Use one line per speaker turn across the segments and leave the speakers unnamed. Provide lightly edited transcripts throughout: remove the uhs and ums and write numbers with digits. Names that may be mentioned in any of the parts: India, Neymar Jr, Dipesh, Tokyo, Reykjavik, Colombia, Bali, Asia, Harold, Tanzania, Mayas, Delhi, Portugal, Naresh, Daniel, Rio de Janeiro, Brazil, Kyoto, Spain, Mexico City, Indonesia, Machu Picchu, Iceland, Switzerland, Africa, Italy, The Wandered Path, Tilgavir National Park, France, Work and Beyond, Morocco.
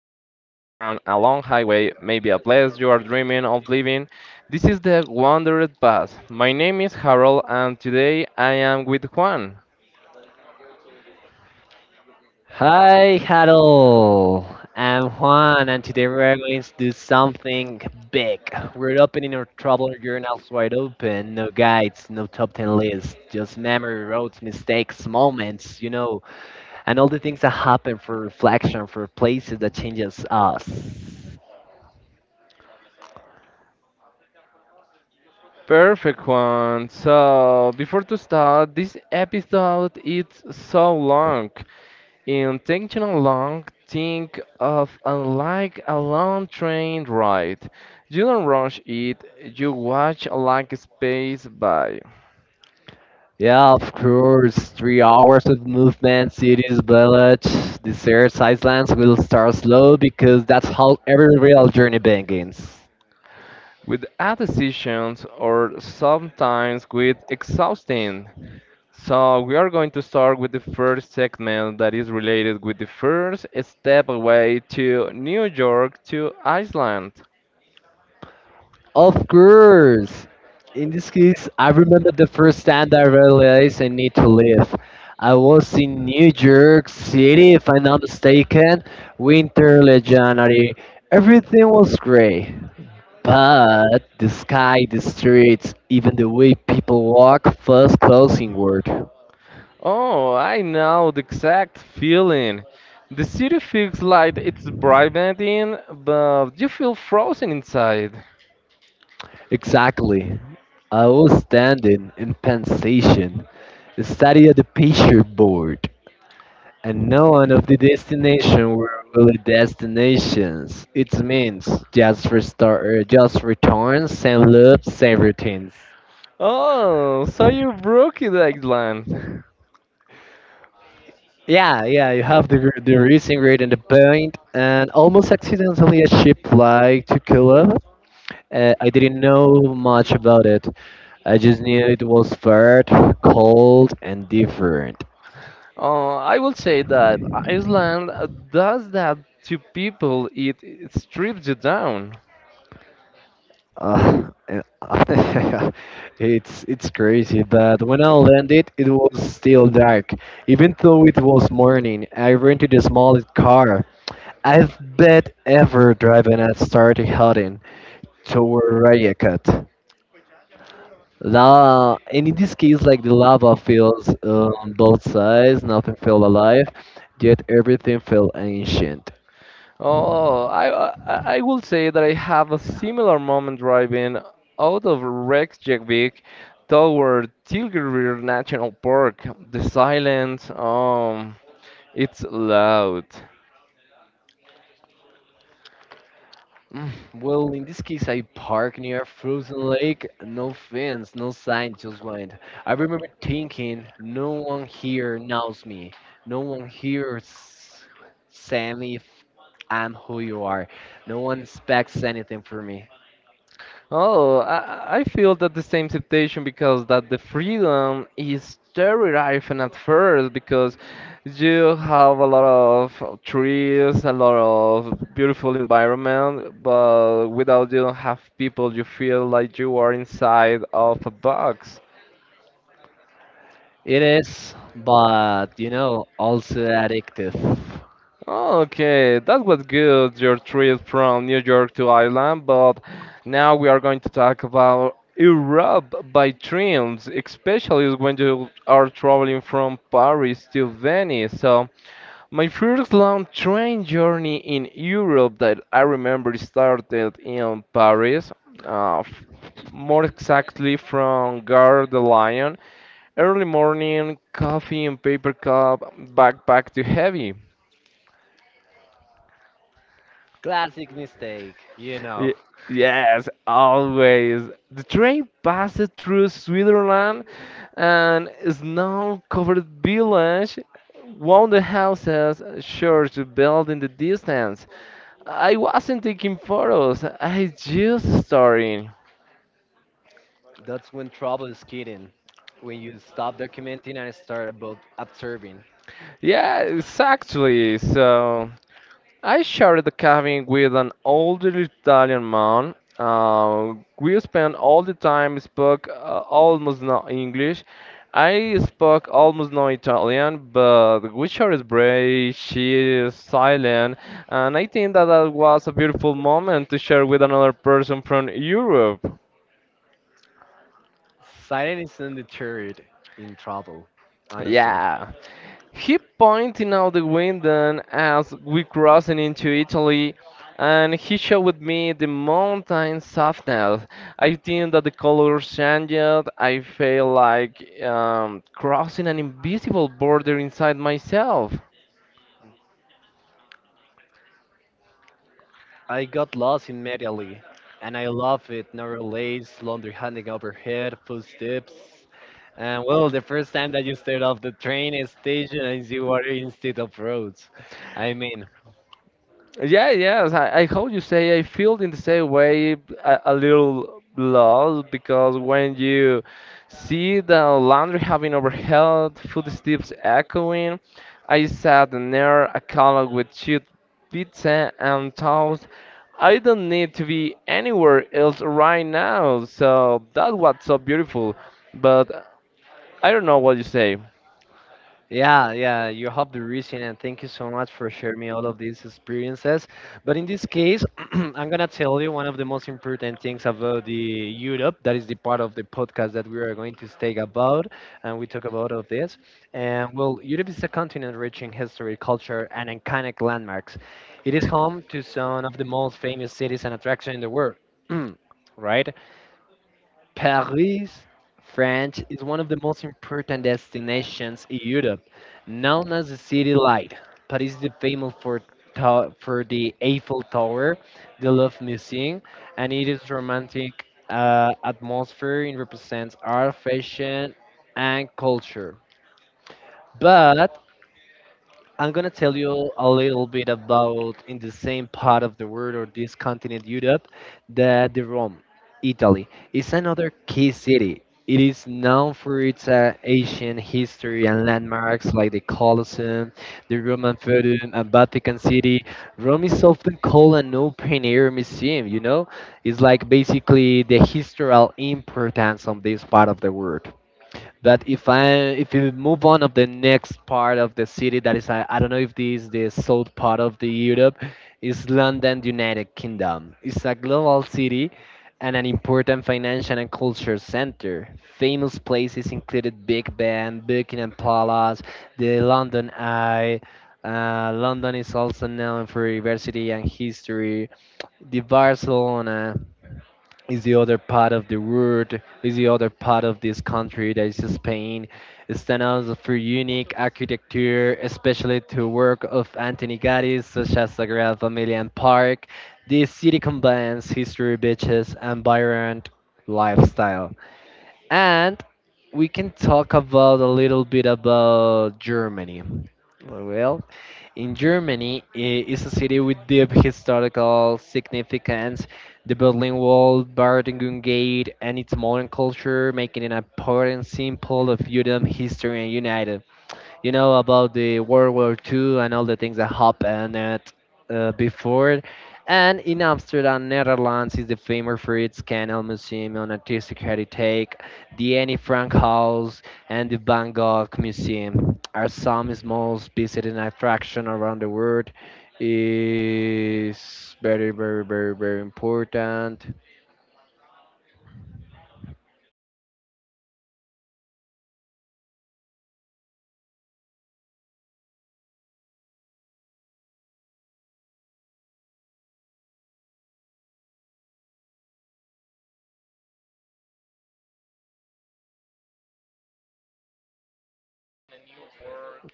a long highway, maybe a place you are dreaming of living. This is the Wandered Path. My name is Harold, and today I am with Juan. Perfect, Juan. So, before to start, this episode is so long. Intentional long, think of unlike a long train ride. You don't rush it, you watch like space by. With a decisions or sometimes with exhausting. So we are going to start with the first segment that is related with the first step away to New York to Iceland. Oh, I know the exact feeling. The city feels like it's brightening, but you feel frozen inside. Oh, so you broke it, Iceland. I will say that Iceland does that to people. It strips you down. Oh, I will say that I have a similar moment driving out of Reykjavik toward Tilgavir National Park. The silence, it's loud. Oh, I feel that the same temptation because that the freedom is terrifying at first because you have a lot of trees, a lot of beautiful environment, but without you don't have people, you feel like you are inside of a box. Okay, that was good, your trip from New York to Ireland, but now we are going to talk about Europe by trains, especially when you are traveling from Paris to Venice. So, my first long train journey in Europe that I remember started in Paris, uh, f- more exactly from Gare de Lyon, early morning, coffee in paper cup, backpack too heavy. Y- Yes, always. The train passed through Switzerland, and an snow-covered village, wonder houses, a church built in the distance. I wasn't taking photos, I just starting. Yeah, exactly. So. I shared the cabin with an older Italian man. We spent all the time, spoke almost no English. I spoke almost no Italian, but we shared break. She is silent, and I think that that was a beautiful moment to share with another person from Europe. Yeah. He pointed out the window as we crossed into Italy, and he showed me the mountain softness. I think that the colors changed. I felt like crossing an invisible border inside myself. Yeah, yes. I hope you say I feel in the same way a little lost because when you see the laundry having overhead, footsteps echoing, I sat near a column with chewed pizza and toast. I don't need to be anywhere else right now, so that's what's so beautiful. But I don't know what you say.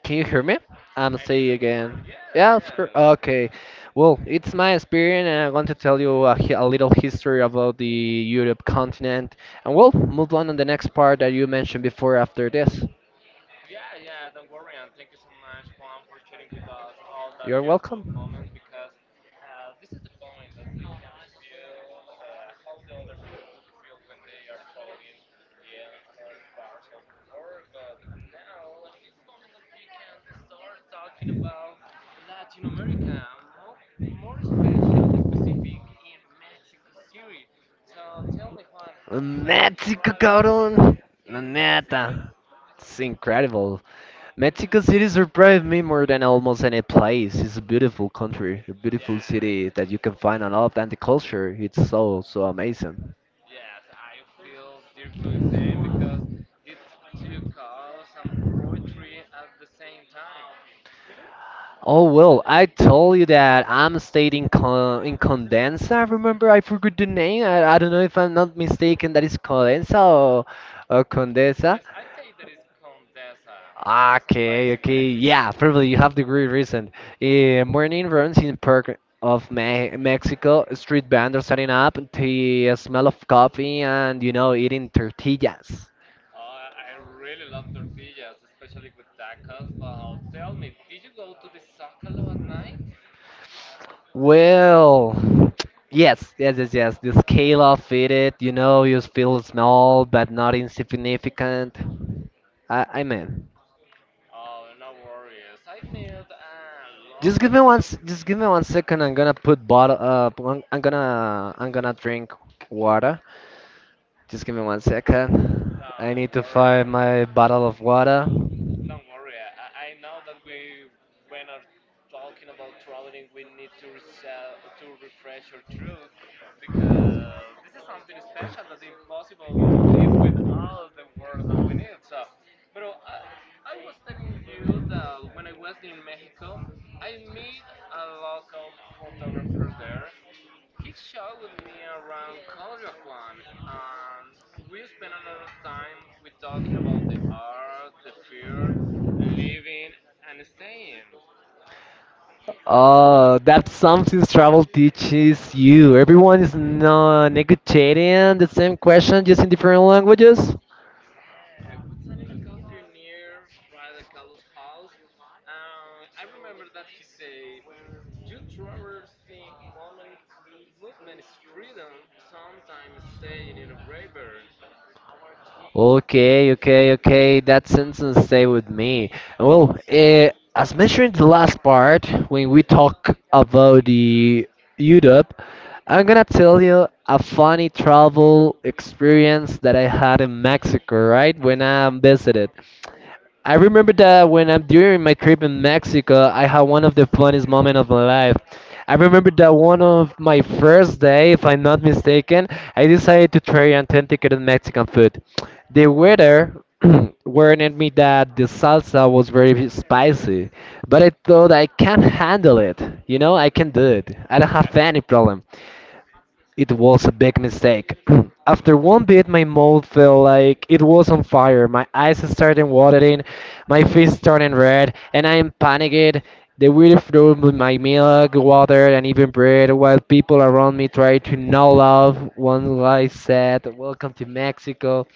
Can you hear me? I'm saying again. Yeah, of course. Okay. Well, it's my experience, and I want to tell you a little history about the Europe continent. And we'll move on the next part that you mentioned before after this. Mexico, traveling cabrón. La neta. It's incredible. Mexico City surprised me more than almost any place. It's a beautiful country, a beautiful city that you can find a lot, and the culture it's so amazing. Oh well, I told you that I'm stayed in Condensa. Remember, I forgot the name. I don't know if I'm not mistaken. That is Condensa or Condesa. Okay, okay, yeah, probably you have the great reason. Morning runs in park of Me Mexico. Street vendors setting up the smell of coffee and eating tortillas. Well, yes, yes, yes, yes. The scale of it, you feel small but not insignificant. I mean, just give me 1 second. I'm gonna put bottle. I'm gonna drink water. Just give me 1 second. I need to find my bottle of water. Oh, that's something travel teaches you. Everyone is not negotiating the same question, just in different languages. Okay, okay, okay. That sentence stay with me. Well, as mentioned in the last part, when we talk about the Europe, I'm gonna tell you a funny travel experience that I had in Mexico, right? When I visited. I remember that when I'm during my trip in Mexico, I had one of the funniest moments of my life. I remember that one of my first day, if I'm not mistaken, I decided to try authenticated Mexican food. The waiter warned me that the salsa was very spicy, but I thought I can handle it. You know, I can do it. I don't have any problem. It was a big mistake. After one bit, my mouth felt like it was on fire. My eyes started watering, my face turned red, and I am panicked. The weird froze with my milk, water, and even bread, while people around me tried to nod off. One guy said, "Welcome to Mexico."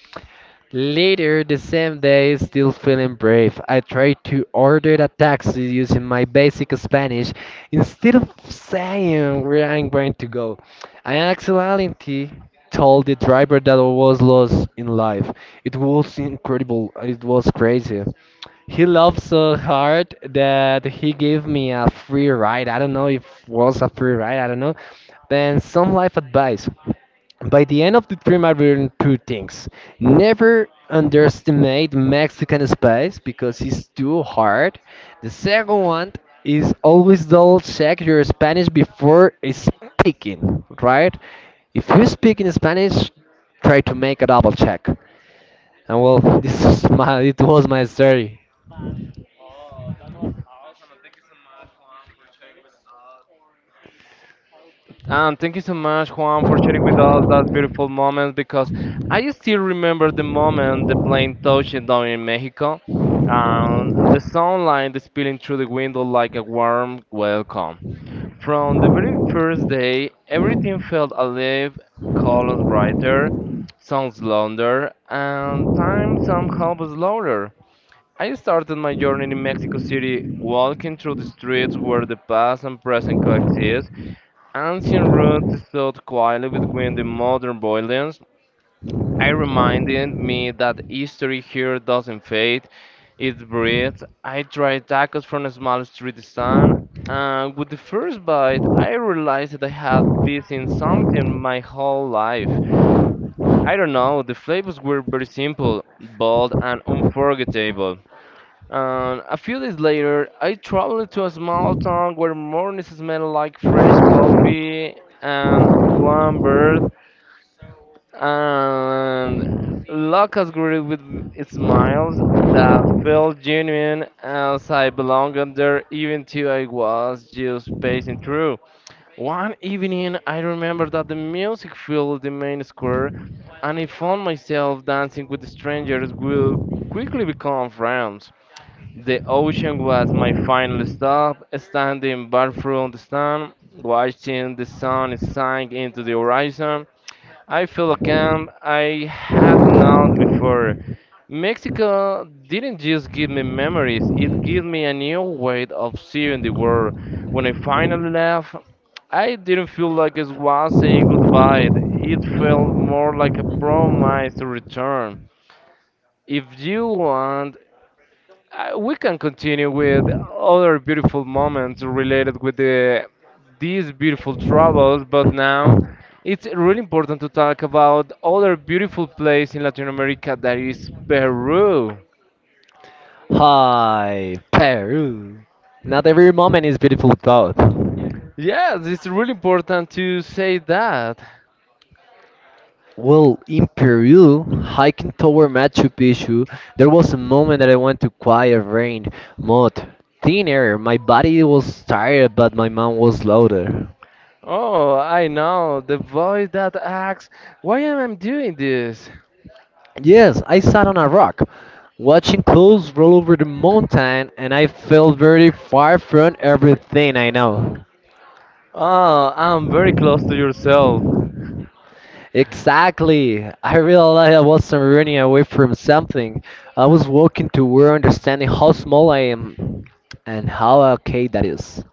Later the same day, still feeling brave, I tried to order a taxi using my basic Spanish instead of saying where I'm going to go. I accidentally told the driver that I was lost in life. It was incredible, it was crazy. He loved so hard that he gave me a free ride. I don't know if was a free ride, I don't know. Then some life advice. By the end of the dream, I learned two things. Never underestimate Mexican spice because it's too hard. The second one is always double check your Spanish before speaking, right? If you speak in Spanish, try to make a double check. And well, it was my story.
Thank you so much, Juan, for sharing with us that beautiful moment because I still remember the moment the plane touched down in Mexico. The sunlight is spilling through the window like a warm welcome. From the very first day, everything felt alive, colors brighter, sounds louder, and time somehow was slower. I started my journey in Mexico City walking through the streets where the past and present coexist. Ancient roots stood quietly between the modern buildings. It reminded me that history here doesn't fade, it breathes. I tried tacos from a small street stand, and with the first bite, I realized that I had been in something my whole life. I don't know, the flavors were very simple, bold, and unforgettable. And a few days later, I traveled to a small town where mornings smelled like fresh coffee and warm bird, and locusts greeted with smiles that felt genuine as I belonged there, even though I was just passing through. One evening, I remember that the music filled the main square, and I found myself dancing with strangers who quickly become friends. The ocean was my final stop, standing bar from the sun, watching the sun sink into the horizon. I felt calm I had not before. Mexico didn't just give me memories, it gave me a new way of seeing the world. When I finally left, I didn't feel like it was saying goodbye. It felt more like a promise to return. If you want, we can continue with other beautiful moments related with these beautiful travels, but now it's really important to talk about other beautiful place in Latin America that is Peru.
Hi, Peru. Not every moment is beautiful, though.
Yes, it's really important to say that.
Well, in Peru, hiking toward Machu Picchu, there was a moment that I went to quiet rain, mud, thin air. My body was tired, but my mind was louder.
Oh, I know the voice that asks, "Why am I doing this?"
Yes, I sat on a rock, watching clouds roll over the mountain, and I felt very far from everything I know.
Oh, I'm very close to yourself.
Exactly. I realized I wasn't running away from something. I was walking toward understanding how small I am and how okay that is.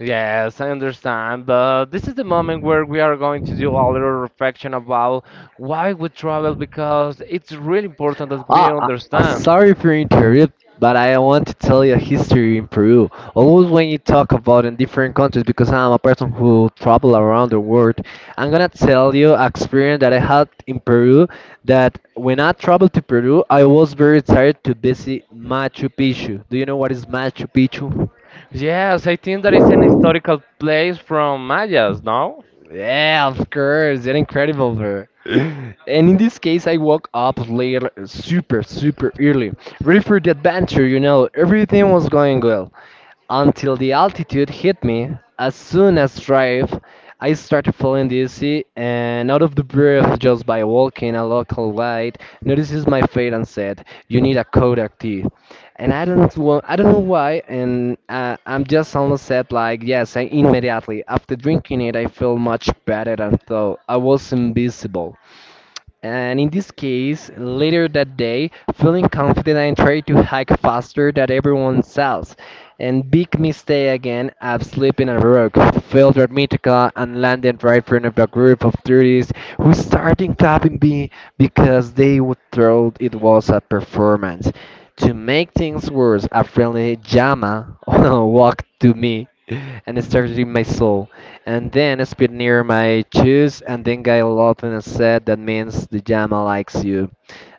Yes, I understand, but this is the moment where we are going to do a little reflection about why we travel because it's really important that we
Ah,
understand.
sorry for interrupt, but I want to tell you a history in Peru. Always when you talk about in different countries, because I'm a person who travel around the world, I'm gonna tell you an experience that I had in Peru. That when I traveled to Peru, I was very excited to visit Machu Picchu. Do you know what is Machu Picchu?
Yes, I think that it's an historical place from Mayas, no?
Yeah, of course. They're incredible, bro. And in this case, I woke up later, super, super early, ready for the adventure. You know, everything was going well until the altitude hit me. As soon as drive, I started feeling dizzy and out of the breath just by walking a local guide notices my fate and said, "You need a Kodak T." And I don't want, I don't know why, and I'm just almost said like, "Yes." I immediately after drinking it, I feel much better and thought I was invisible. And in this case, later that day, feeling confident, I tried to hike faster than everyone else. And big mistake again, I've slipped in a rock, failed at Mythica, and landed right in front of a group of tourists who started clapping me because they would thought it was a performance. To make things worse, a friendly Jama walked to me and started in my soul. And then spit near my shoes, and then got loud and said, "That means the Jama likes you."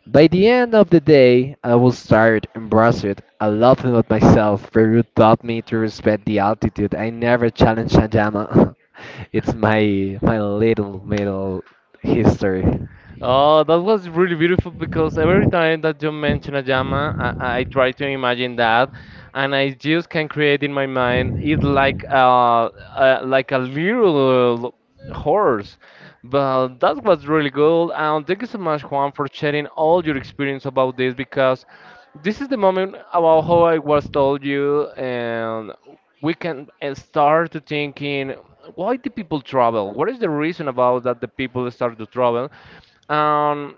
By the end of the day, I was tired, and bruised. I laughed at myself. Peru taught me to respect the altitude. I never challenge a Jama. It's my little middle history.
Oh, that was really beautiful because every time that you mention a llama, I try to imagine that, and I just can create in my mind it like a like a little horse. But that was really good, and thank you so much, Juan, for sharing all your experience about this because this is the moment about how I was told you and we can start to thinking why do people travel, what is the reason about that the people start to travel, um,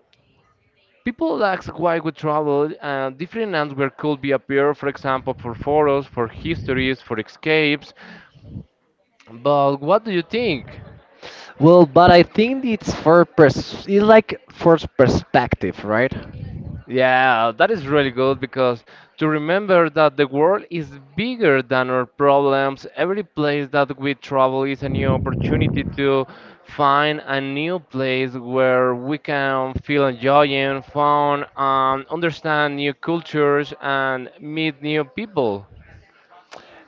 people ask why we travel, different answers could be appear, for example, for photos, for histories, for escapes, but what do you think?
Well, but I think it's like for perspective, right?
Yeah, that is really good because to remember that the world is bigger than our problems. Every place that we travel is a new opportunity to find a new place where we can feel enjoying, fun, understand new cultures, and meet new people.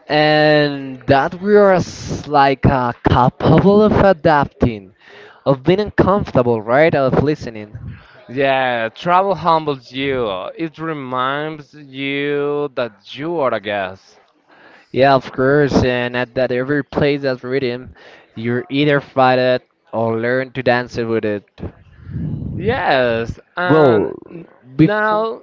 And that we are like capable of adapting, of being uncomfortable, right? Of listening.
Yeah, travel humbles you. It reminds you that you are a guest.
Yeah, of course. And at that every place that's rhythm, you either fight it or learn to dance with it.
Yes, and
Well,
n-
before.
now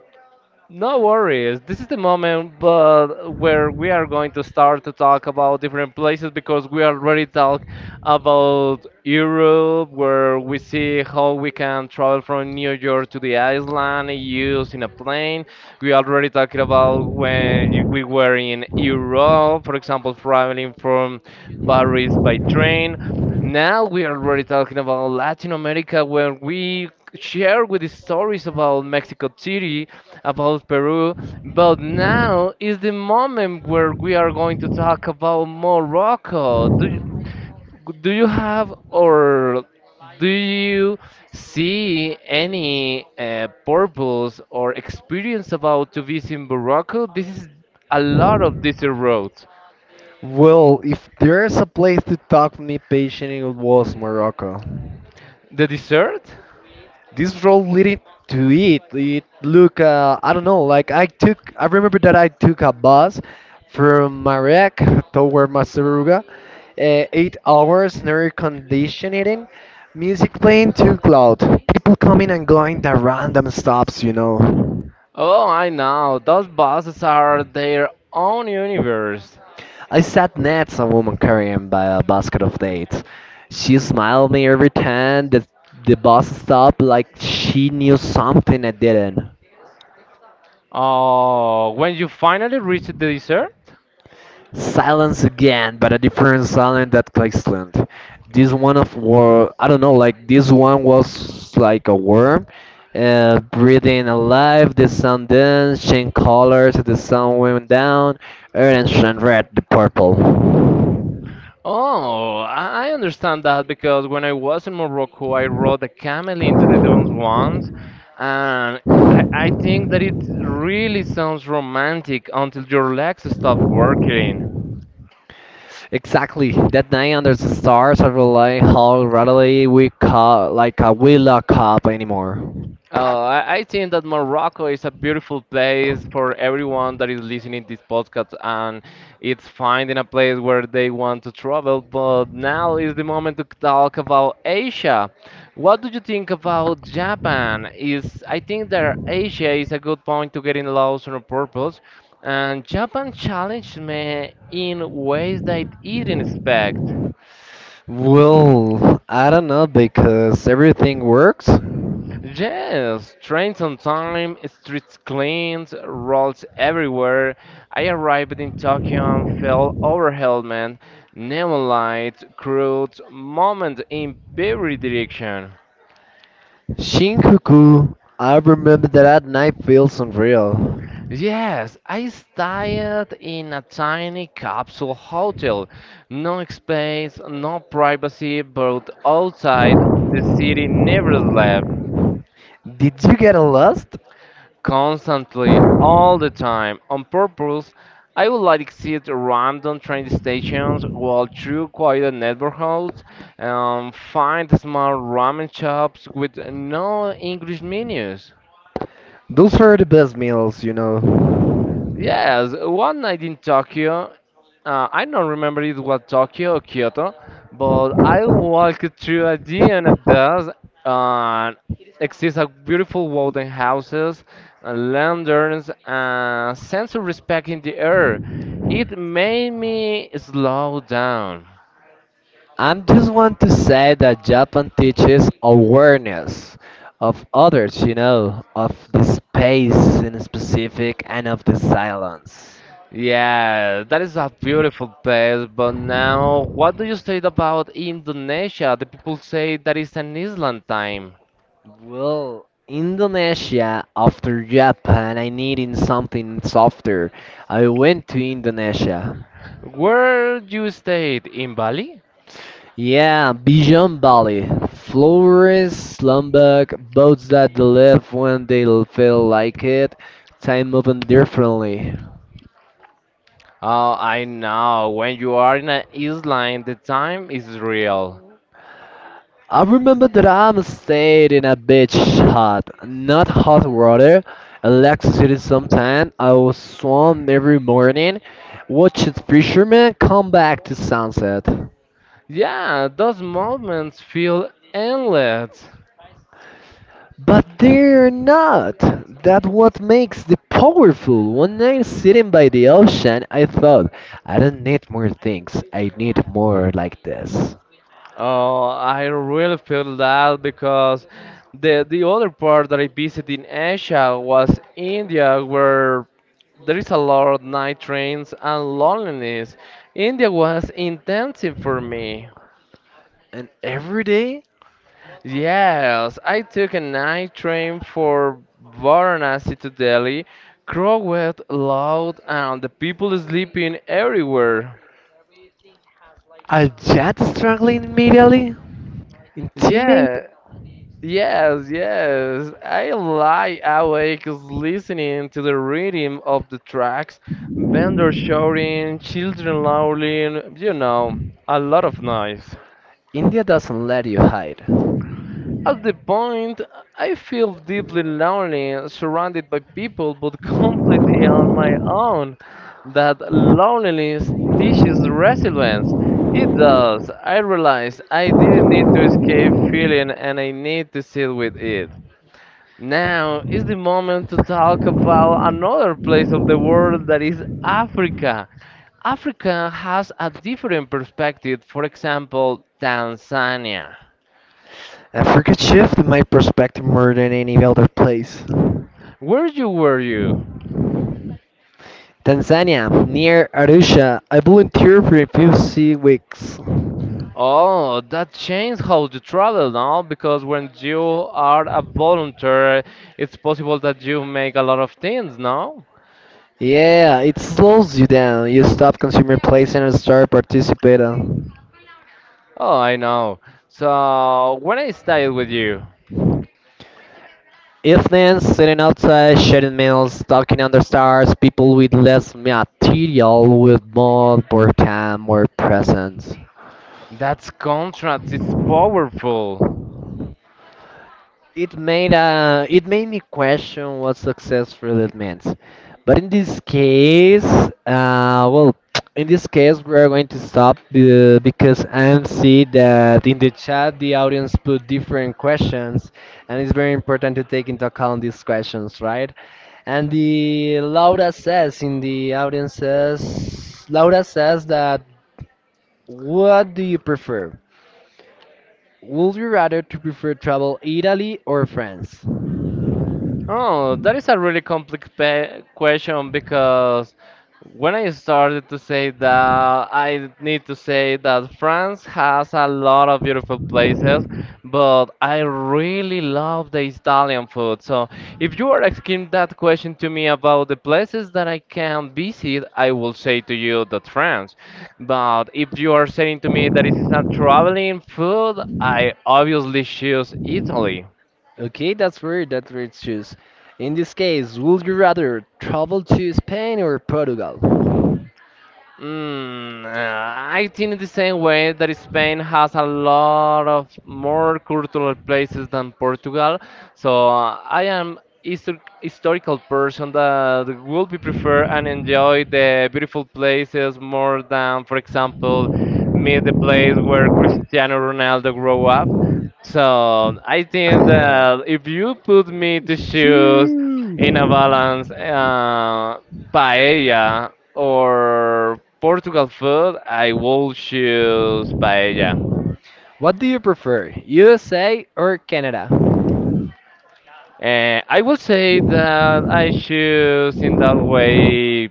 No worries. This is the moment but where we are going to start to talk about different places because we already talked about Europe where we see how we can travel from New York to the island using a plane. We already talked about when we were in Europe, for example, traveling from Paris by train. Now we are already talking about Latin America where we share with the stories about Mexico City, about Peru, but now is the moment where we are going to talk about Morocco. Do you have or do you see any purpose or experience about to visit Morocco? This is a lot of desert roads.
Well, if there's a place to talk to me patient, it was Morocco.
The dessert?
This role leading to it look, I don't know, like I remember that I took a bus from Marek toward Masaruga, 8 hours in air conditioning, music playing too loud, people coming and going at random stops.
Oh, I know. Those buses are their own universe.
I sat next a woman carrying by a basket of dates. She smiled me every time the bus stopped like she knew something I didn't.
Oh, when you finally reach the dessert?
Silence again, but a different silence that Iceland. This one of war, I don't know, like this one was like a worm, breathing alive. The sun danced, changed colors. The sun went down, orange and red, the purple.
Oh, I understand that because when I was in Morocco, I rode a camel into the dunes once, and I think that it really sounds romantic until your legs stop working.
Exactly. That night under the stars, I realized how readily we call like we lock up anymore.
I think that Morocco is a beautiful place for everyone that is listening this podcast, and it's finding a place where they want to travel. But now is the moment to talk about Asia. What do you think about Japan? Is I think that Asia is a good point to get in lost on a purpose, and Japan challenged me in ways that I didn't expect.
Well, I don't know because everything works.
Yes, trains on time, streets cleaned, roads everywhere. I arrived in Tokyo and fell overwhelmed, man. Neon lights, crowds, moment in every direction.
Shinjuku. I remember that night feels unreal.
Yes, I stayed in a tiny capsule hotel. No space, no privacy, but outside the city never slept.
Did you get lost?
Constantly, all the time, on purpose. I would like exit random train stations, walk through quiet neighborhoods, and find small ramen shops with no English menus.
Those were the best meals.
Yes, one night in Tokyo, I don't remember it was Tokyo or Kyoto, but I walked through a and it does, and exists a beautiful wooden houses, lanterns, and sense of respect in the air. It made me slow down.
I just want to say that Japan teaches awareness of others, of the space in specific and of the silence.
Yeah, that is a beautiful place, but now what do you say about Indonesia? The people say that is an island time.
Well, Indonesia after Japan, I needed something softer. I went to Indonesia.
Where you stayed in Bali?
Yeah, Bijan Bali. Flores, Slumberg, boats that live when feel like it, time moving differently.
Oh, I know. When you are in an island, the time is real.
I remember that I'm stayed in a beach hut, not hot water, electricity sometime. I was swam every morning, watch the fishermen come back to sunset.
Yeah, those moments feel endless.
But they're not! That's what makes them powerful. One night sitting by the ocean, I thought, I don't need more things, I need more like this.
Oh, I really feel that because the other part that I visited in Asia was India, where there is a lot of night trains and loneliness. India was intensive for me.
And every day,
Yes, I took a night train for Varanasi to Delhi. Crowded, loud, and the people sleeping everywhere.
a jet struggling immediately? Intimate?
Yeah, yes, yes. I lie awake listening to the rhythm of the tracks, vendors shouting, children howling, you know, a lot of noise.
India doesn't let you hide.
At the point, I feel deeply lonely, surrounded by people, but completely on my own. That loneliness teaches resilience. It does. I realize I didn't need to escape feeling and I need to sit with it. Now is the moment to talk about another place of the world that is Africa. Africa has a different perspective, for example, Tanzania.
Africa shifted my perspective more than any other place.
Where you were you?
Tanzania, near Arusha, I volunteered for a few sea weeks.
Oh, that changes how you travel now because when you are a volunteer, it's possible that you make a lot of things now.
Yeah, it slows you down. You stop consuming places and start participating.
Oh, I know. So, when I stayed with you,
Evenings, sitting outside, sharing meals, talking under stars, people with less material with more, more time, more presence.
that contract is powerful.
It made me question what success really means. But in this case, well, in this case, we are going to stop because I see that in the chat the audience put different questions, and it's very important to take into account these questions, right? And the Laura says in the audience says Laura says that, what do you prefer? Would you rather to prefer travel Italy or France?
Oh, that is a really complicated question because when I started to say that, I need to say that France has a lot of beautiful places, but I really love the Italian food. So, if you are asking that question to me about the places that I can visit, I will say to you that France. But if you are saying to me that it is not traveling food, I obviously choose Italy.
Okay, that's weird. That's weird choose. In this case, would you rather travel to Spain or Portugal?
I think the same way that Spain has a lot of more cultural places than Portugal. So I am historical person that will be prefer and enjoy the beautiful places more than, for example, me the place where Cristiano Ronaldo grew up. So I think that if you put me to choose in a balance paella or Portugal food, I will choose paella.
What do you prefer, USA or Canada?
And I will say that I choose in that way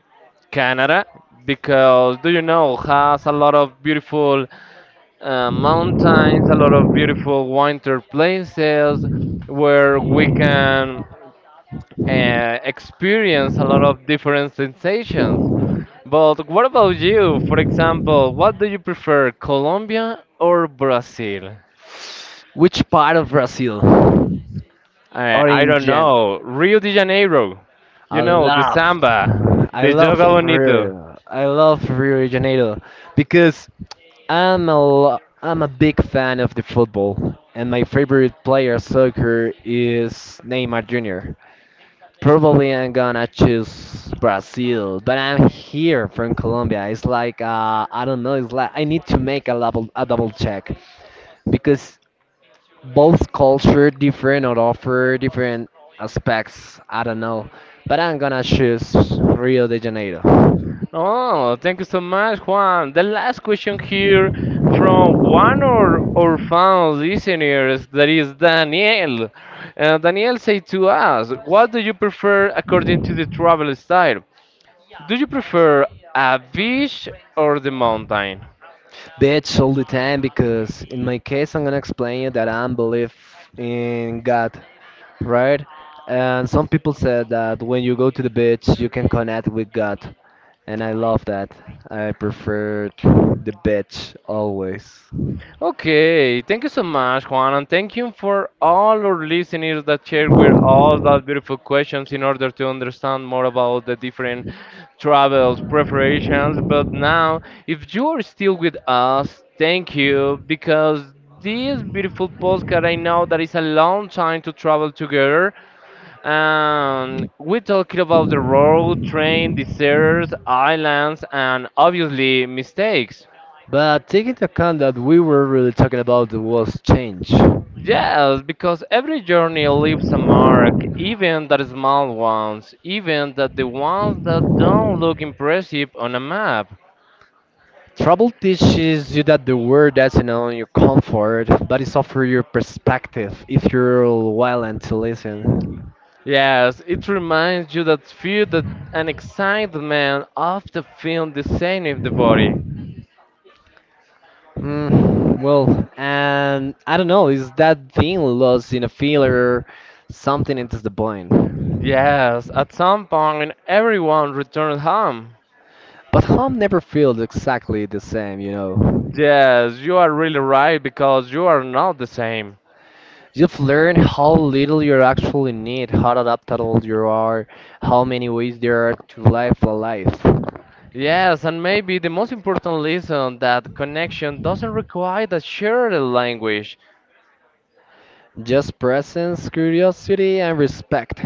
Canada because do you know has a lot of beautiful mountains, a lot of beautiful winter places where we can experience a lot of different sensations. But what about you? For example, what do you prefer, Colombia or Brazil?
Which part of Brazil? Or
I
in
don't
general?
know. Rio de Janeiro.
I
You know, the
love,
samba,
I
the
love
joga bonito.
Rio. I love Rio de Janeiro because I'm a big fan of the football, and my favorite player of soccer is Neymar Jr. Probably I'm gonna choose Brazil, but I'm here from Colombia. It's like I don't know. It's like I need to make a double check because both culture different or offer different aspects. I don't know, but I'm gonna choose Rio de Janeiro.
Oh, thank you so much, Juan. The last question here from one of our fan listeners, that is Daniel. Daniel said to us, what do you prefer according to the travel style? Do you prefer a beach or the mountain?
Bitch all the time because in my case I'm gonna explain that I believe in God, right? And some people said that when you go to the beach you can connect with God, and I love that. I preferred the beach always.
Okay, thank you so much, Juan, and thank you for all our listeners that share with all those beautiful questions in order to understand more about the different travels preparations. But now, if you are still with us, thank you because this beautiful postcard I know that it's a long time to travel together. And we're talking about the road, train, deserts, islands, and obviously mistakes.
But take into account that we were really talking about was change.
Yes, because every journey leaves a mark, even the small ones, even that the ones that don't look impressive on a map.
Trouble teaches you that the world doesn't own your comfort, but it's offer your perspective if you're willing to listen.
Yes, it reminds you that fear that an excitement of the film the same in the body.
Well, and I don't know, is that thing lost in a filler, something into the point.
Yes, at some point everyone returns home.
But home never feels exactly the same, you know.
Yes, you are really right because you are not the same.
You've learned how little you actually need, how adaptable you are, how many ways there are to live a life.
Yes, and maybe the most important lesson that connection doesn't require a shared language.
Just presence, curiosity, and respect.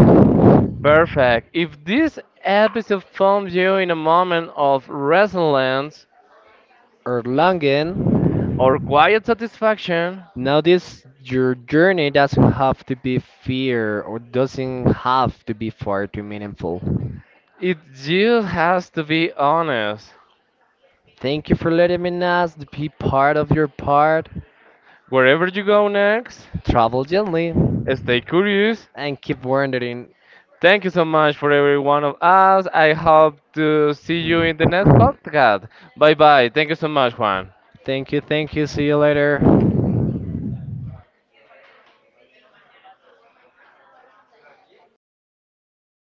Perfect. If this episode found you in a moment of resilience
Erlangen,
or quiet satisfaction,
notice your journey doesn't have to be fear or doesn't have to be far too meaningful.
it just has to be honest.
Thank you for letting me know to be part of your part.
Wherever you go next,
Travel gently
stay curious.
and keep wandering.
Thank you so much for every one of us. I hope to see you in the next
Mm.
podcast. Bye bye. Thank you so much, Juan.
Thank you, thank you. See you later.